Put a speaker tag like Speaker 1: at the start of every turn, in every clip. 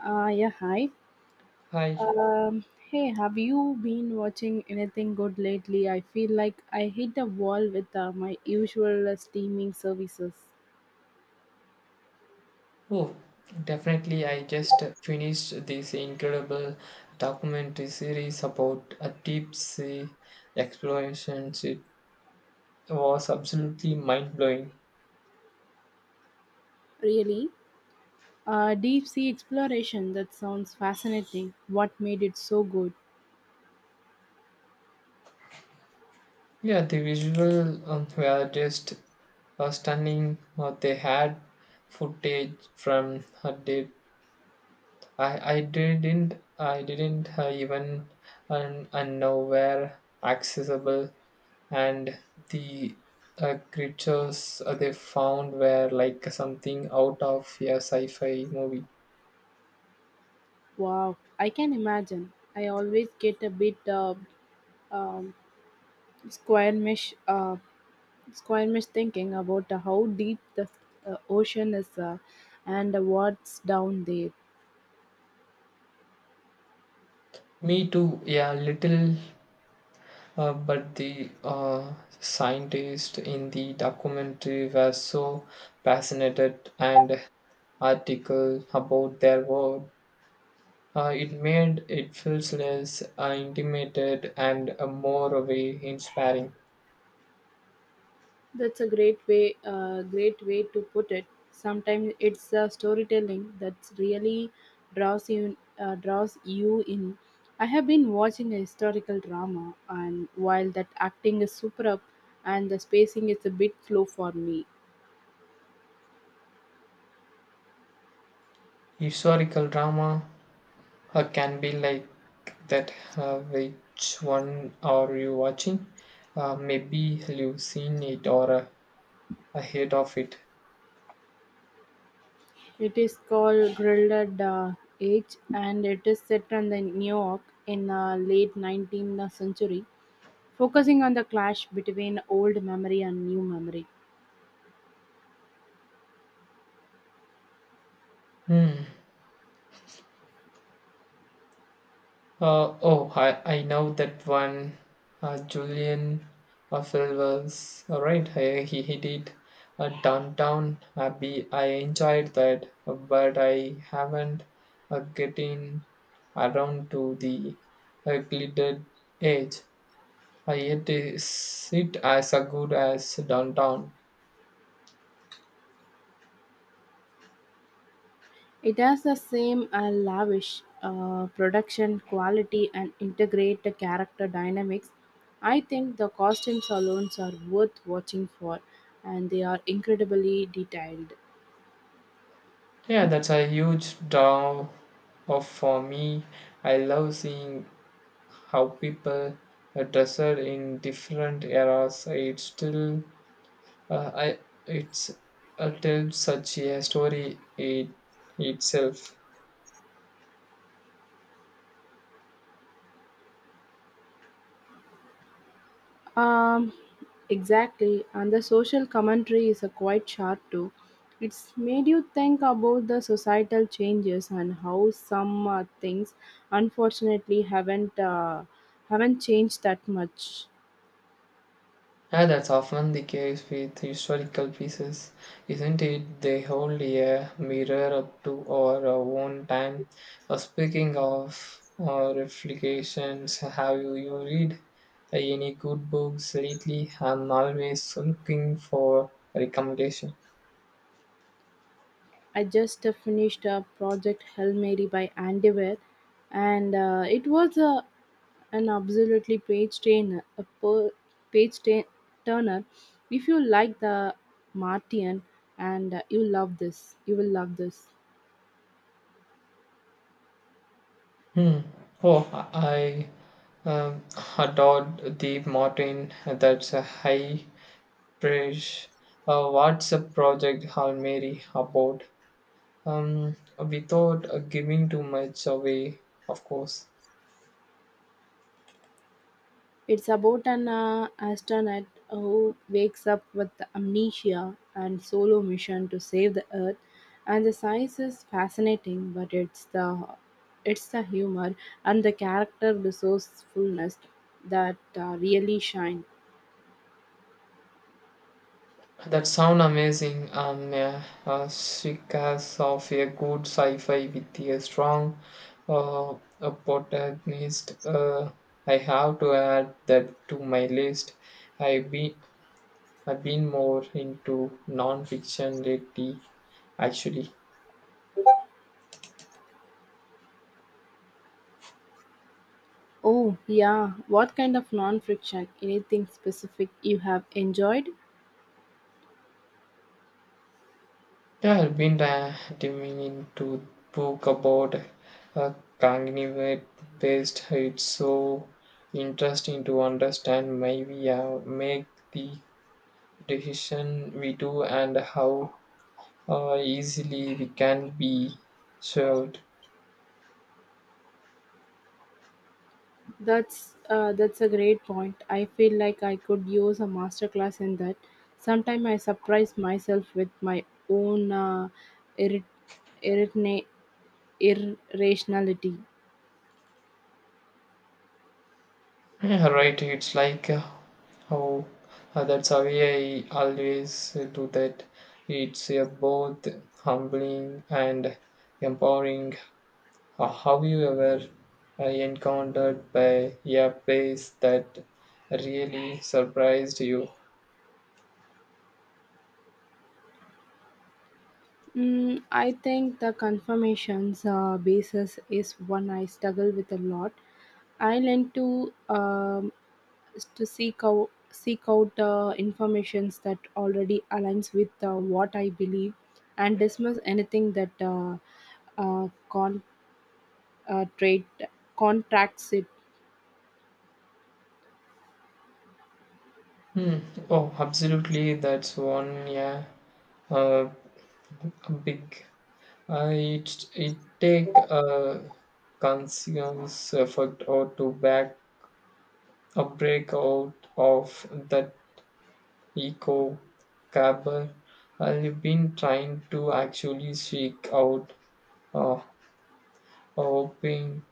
Speaker 1: Yeah, hi.
Speaker 2: Hi.
Speaker 1: Um, Hey, have you been watching anything good lately? I feel like I hit the wall with my usual streaming services.
Speaker 2: Oh, definitely. I just finished this incredible documentary series about a deep sea explorations. It was absolutely mind blowing.
Speaker 1: Really? Deep sea exploration, that sounds fascinating. What made it so good?
Speaker 2: Yeah, the visual were just stunning. They had footage from a deep I didn't even and now were accessible and the creatures they found were like something out of a sci-fi movie.
Speaker 1: Wow, I can imagine. I always get a bit um, squirmish, squirmish thinking about how deep the ocean is and what's down there.
Speaker 2: Me too, yeah, little, but the scientists in the documentary were so passionate and article about their work. It made it feels less intimidated and more of a inspiring.
Speaker 1: That's a great great way to put it. Sometimes it's storytelling that really draws you in. I have been watching a historical drama, and while that acting is superb, and the spacing is a bit slow for me.
Speaker 2: Historical drama can be like that. Which one are you watching? Maybe you've seen it or ahead of it.
Speaker 1: It is called Grilled Age, and it is set in the New York in the late 19th century, focusing on the clash between old memory and new memory.
Speaker 2: Hmm. Oh, I know that one. Julian Affle was all right. I, he did downtown Abbey. I enjoyed that, but I haven't getting around to the glittered edge. I yet is it as a good as downtown.
Speaker 1: It has the same lavish production quality and integrated character dynamics. I think the costumes alone are worth watching for, and they are incredibly detailed.
Speaker 2: Yeah, that's a huge draw of for me. I love seeing how people dressed in different eras it still I, it's tells such a story it, itself.
Speaker 1: Um, exactly, and the social commentary is quite sharp too. It's made you think about the societal changes and how some things, unfortunately, haven't changed that much.
Speaker 2: And that's often the case with historical pieces, isn't it? They hold a mirror up to our own time. Speaking of reflections, have you read any good books lately? I'm always looking for recommendation.
Speaker 1: I just finished a Project Hail Mary by Andy Weir, and it was a, an absolutely page trainer, a page tra- turner. If you like the Martian and you love this, you will love this.
Speaker 2: Hmm. Oh, I I adored the Martin. That's a high praise. What's a project, Hal Mary, about? Without giving too much away, of course.
Speaker 1: It's about an astronaut who wakes up with amnesia and solo mission to save the Earth. And the science is fascinating, but it's the humor and the character resourcefulness that really shine.
Speaker 2: That sound amazing. Yeah, seekers of a good sci-fi with a strong uh, a protagonist. I have to add that to my list. I be I've been more into non-fiction lately, actually.
Speaker 1: Oh yeah, what kind of non-fiction? Anything specific you have enjoyed?
Speaker 2: Yeah, I've been diving into book about uh, cognitive based. It's so interesting to understand why we make the decision we do and how easily we can be shelved.
Speaker 1: That's a great point. I feel like I could use a master class in that. Sometimes I surprise myself with my own irri- irritna- irrationality.
Speaker 2: Yeah, right. It's like how that's how I always do that. It's both humbling and empowering. Have you ever encountered by a place that really surprised you?
Speaker 1: Mm, I think the confirmations basis is one I struggle with a lot. I learned to is to seek out informations that already aligns with what I believe and dismiss anything that uh, con uh, trade contracts it.
Speaker 2: Hmm. Oh, absolutely. That's one. Yeah, uh, big. It take a conscious effort or to back a break out of that echo cabal. I've been trying to actually seek out uh, hoping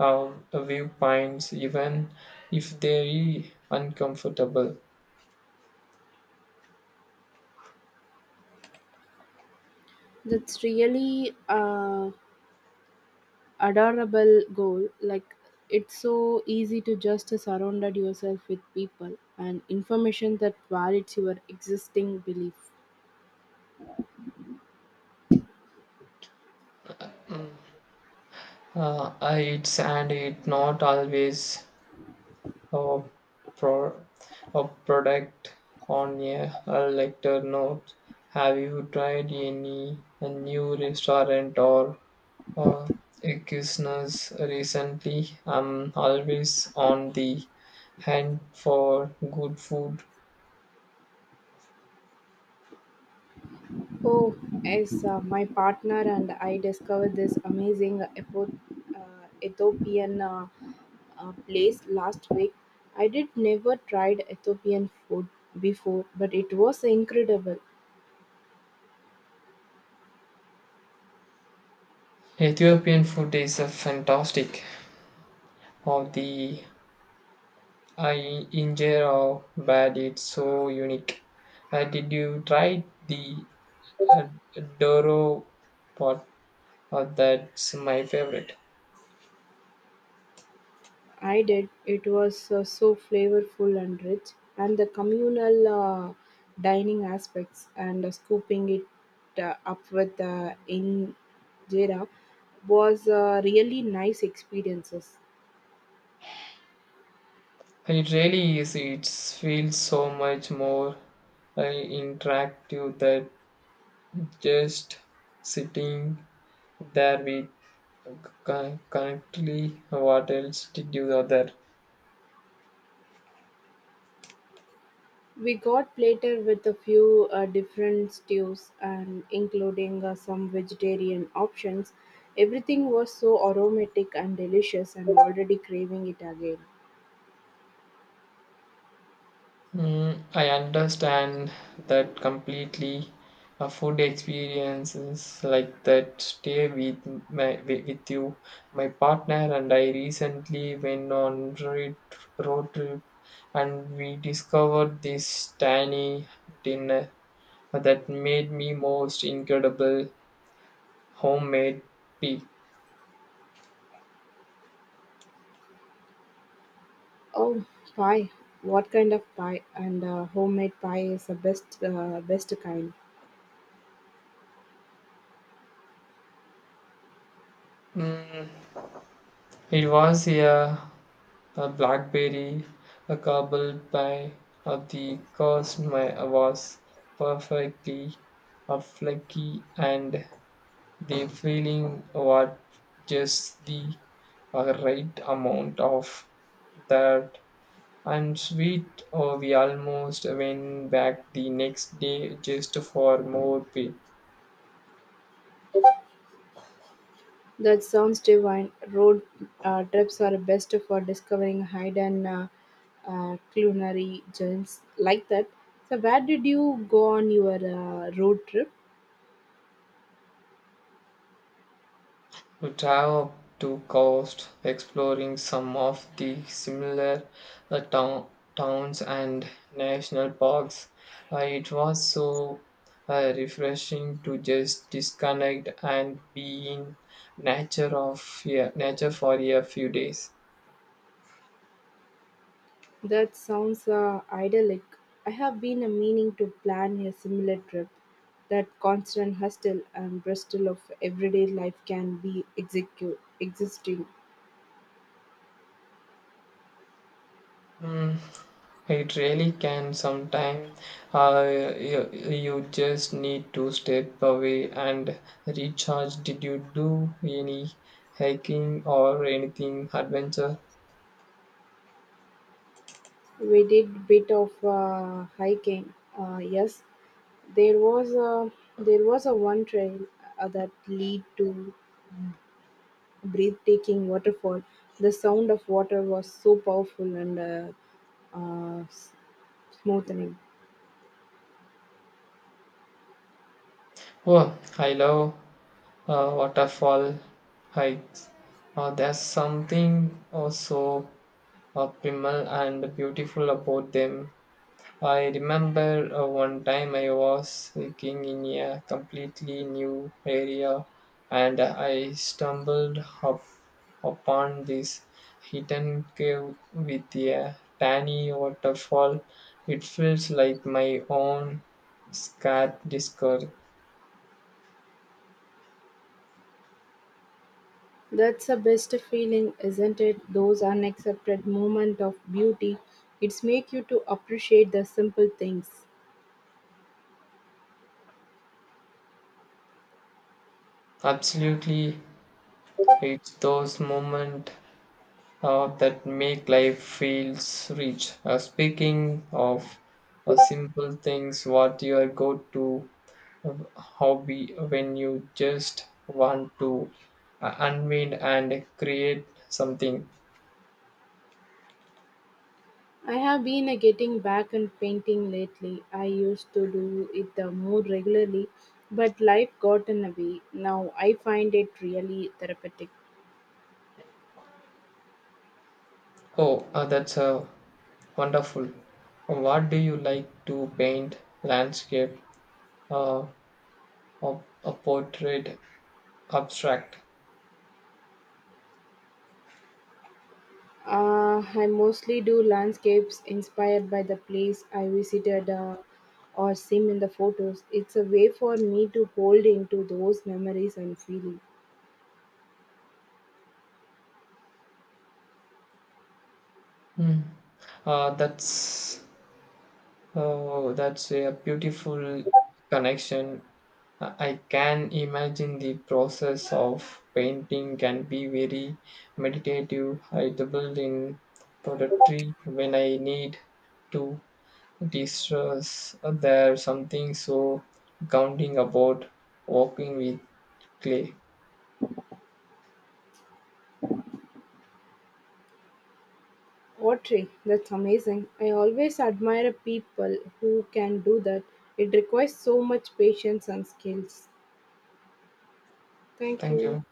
Speaker 2: viewpoints, even if they're uncomfortable.
Speaker 1: That's really adorable goal. Like it's so easy to just surround yourself with people and information that validates your existing belief.
Speaker 2: Uh, it's and it not always a, pro, a product on a lecture note. Have you tried any a new restaurant or Uh, Equusness recently? I'm always on the hunt for good food.
Speaker 1: Oh, yes, my partner and I discovered this amazing Ethiopian place last week. I did never tried Ethiopian food before, but it was incredible.
Speaker 2: Ethiopian food is a fantastic. Of the I injure how bad it's so unique. Did you try the uh, Doro pot? That's my favorite.
Speaker 1: I did. It was so flavorful and rich, and the communal dining aspects and scooping it up with injera was really nice experiences.
Speaker 2: It really is. It feels so much more interactive than just sitting. There we con- currently what else did you other?
Speaker 1: We got plated with a few different stews and including some vegetarian options. Everything was so aromatic and delicious and already craving it again.
Speaker 2: Mm, I understand that completely. A food experiences like that stay with with you. My partner and I recently went on road trip, and we discovered this tiny dinner that made me most incredible homemade pea.
Speaker 1: Oh, pie. What kind of pie? And homemade pie is the best kind.
Speaker 2: Mm, it was a A blackberry, a cobble pie. Of the course my was perfectly flaky, and the filling was just the right amount of that. And sweet, oh, we almost went back the next day just for more pie.
Speaker 1: That sounds divine. Road trips are best for discovering hidden culinary gems like that. So, where did you go on your road trip?
Speaker 2: To travel to coast, exploring some of the similar uh, town, towns and national parks. It was so refreshing to just disconnect and be in nature of yeah, nature for a few days.
Speaker 1: That sounds idyllic. I have been a meaning to plan a similar trip. That constant hustle and bustle of everyday life can be existing.
Speaker 2: Mm, it really can sometimes. Uh, you just need to step away and recharge. Did you do any hiking or anything adventure?
Speaker 1: We did a bit of hiking. Yes, there was a there was a one trail that lead to a breathtaking waterfall. The sound of water was so powerful and uh, s- smoothing.
Speaker 2: Oh, I love waterfall hikes. There's something also primal and beautiful about them. I remember one time I was hiking in a completely new area and I stumbled up upon this hidden cave with a tiny waterfall. It feels like my own scared discovery.
Speaker 1: That's the best feeling, isn't it? Those unaccepted moments of beauty. It's make you to appreciate the simple things.
Speaker 2: Absolutely, it's those moments that make life feels rich. Speaking of simple things, what your go-to uh, hobby when you just want to unwind and create something?
Speaker 1: I have been getting back and painting lately. I used to do it more regularly, but life got in the way. Now I find it really therapeutic.
Speaker 2: Oh, that's wonderful. What do you like to paint? Landscape, uh, a portrait, abstract.
Speaker 1: I mostly do landscapes inspired by the place I visited or seen in the photos. It's a way for me to hold into those memories and feelings.
Speaker 2: Hmm. That's Oh, that's a beautiful connection. I can imagine the process of painting can be very meditative. I dabbled in poetry when I need to distress. There's something so grounding about working with clay.
Speaker 1: Pottery, that's amazing. I always admire people who can do that. It requires so much patience and skills. Thank
Speaker 2: Thank
Speaker 1: you.
Speaker 2: you.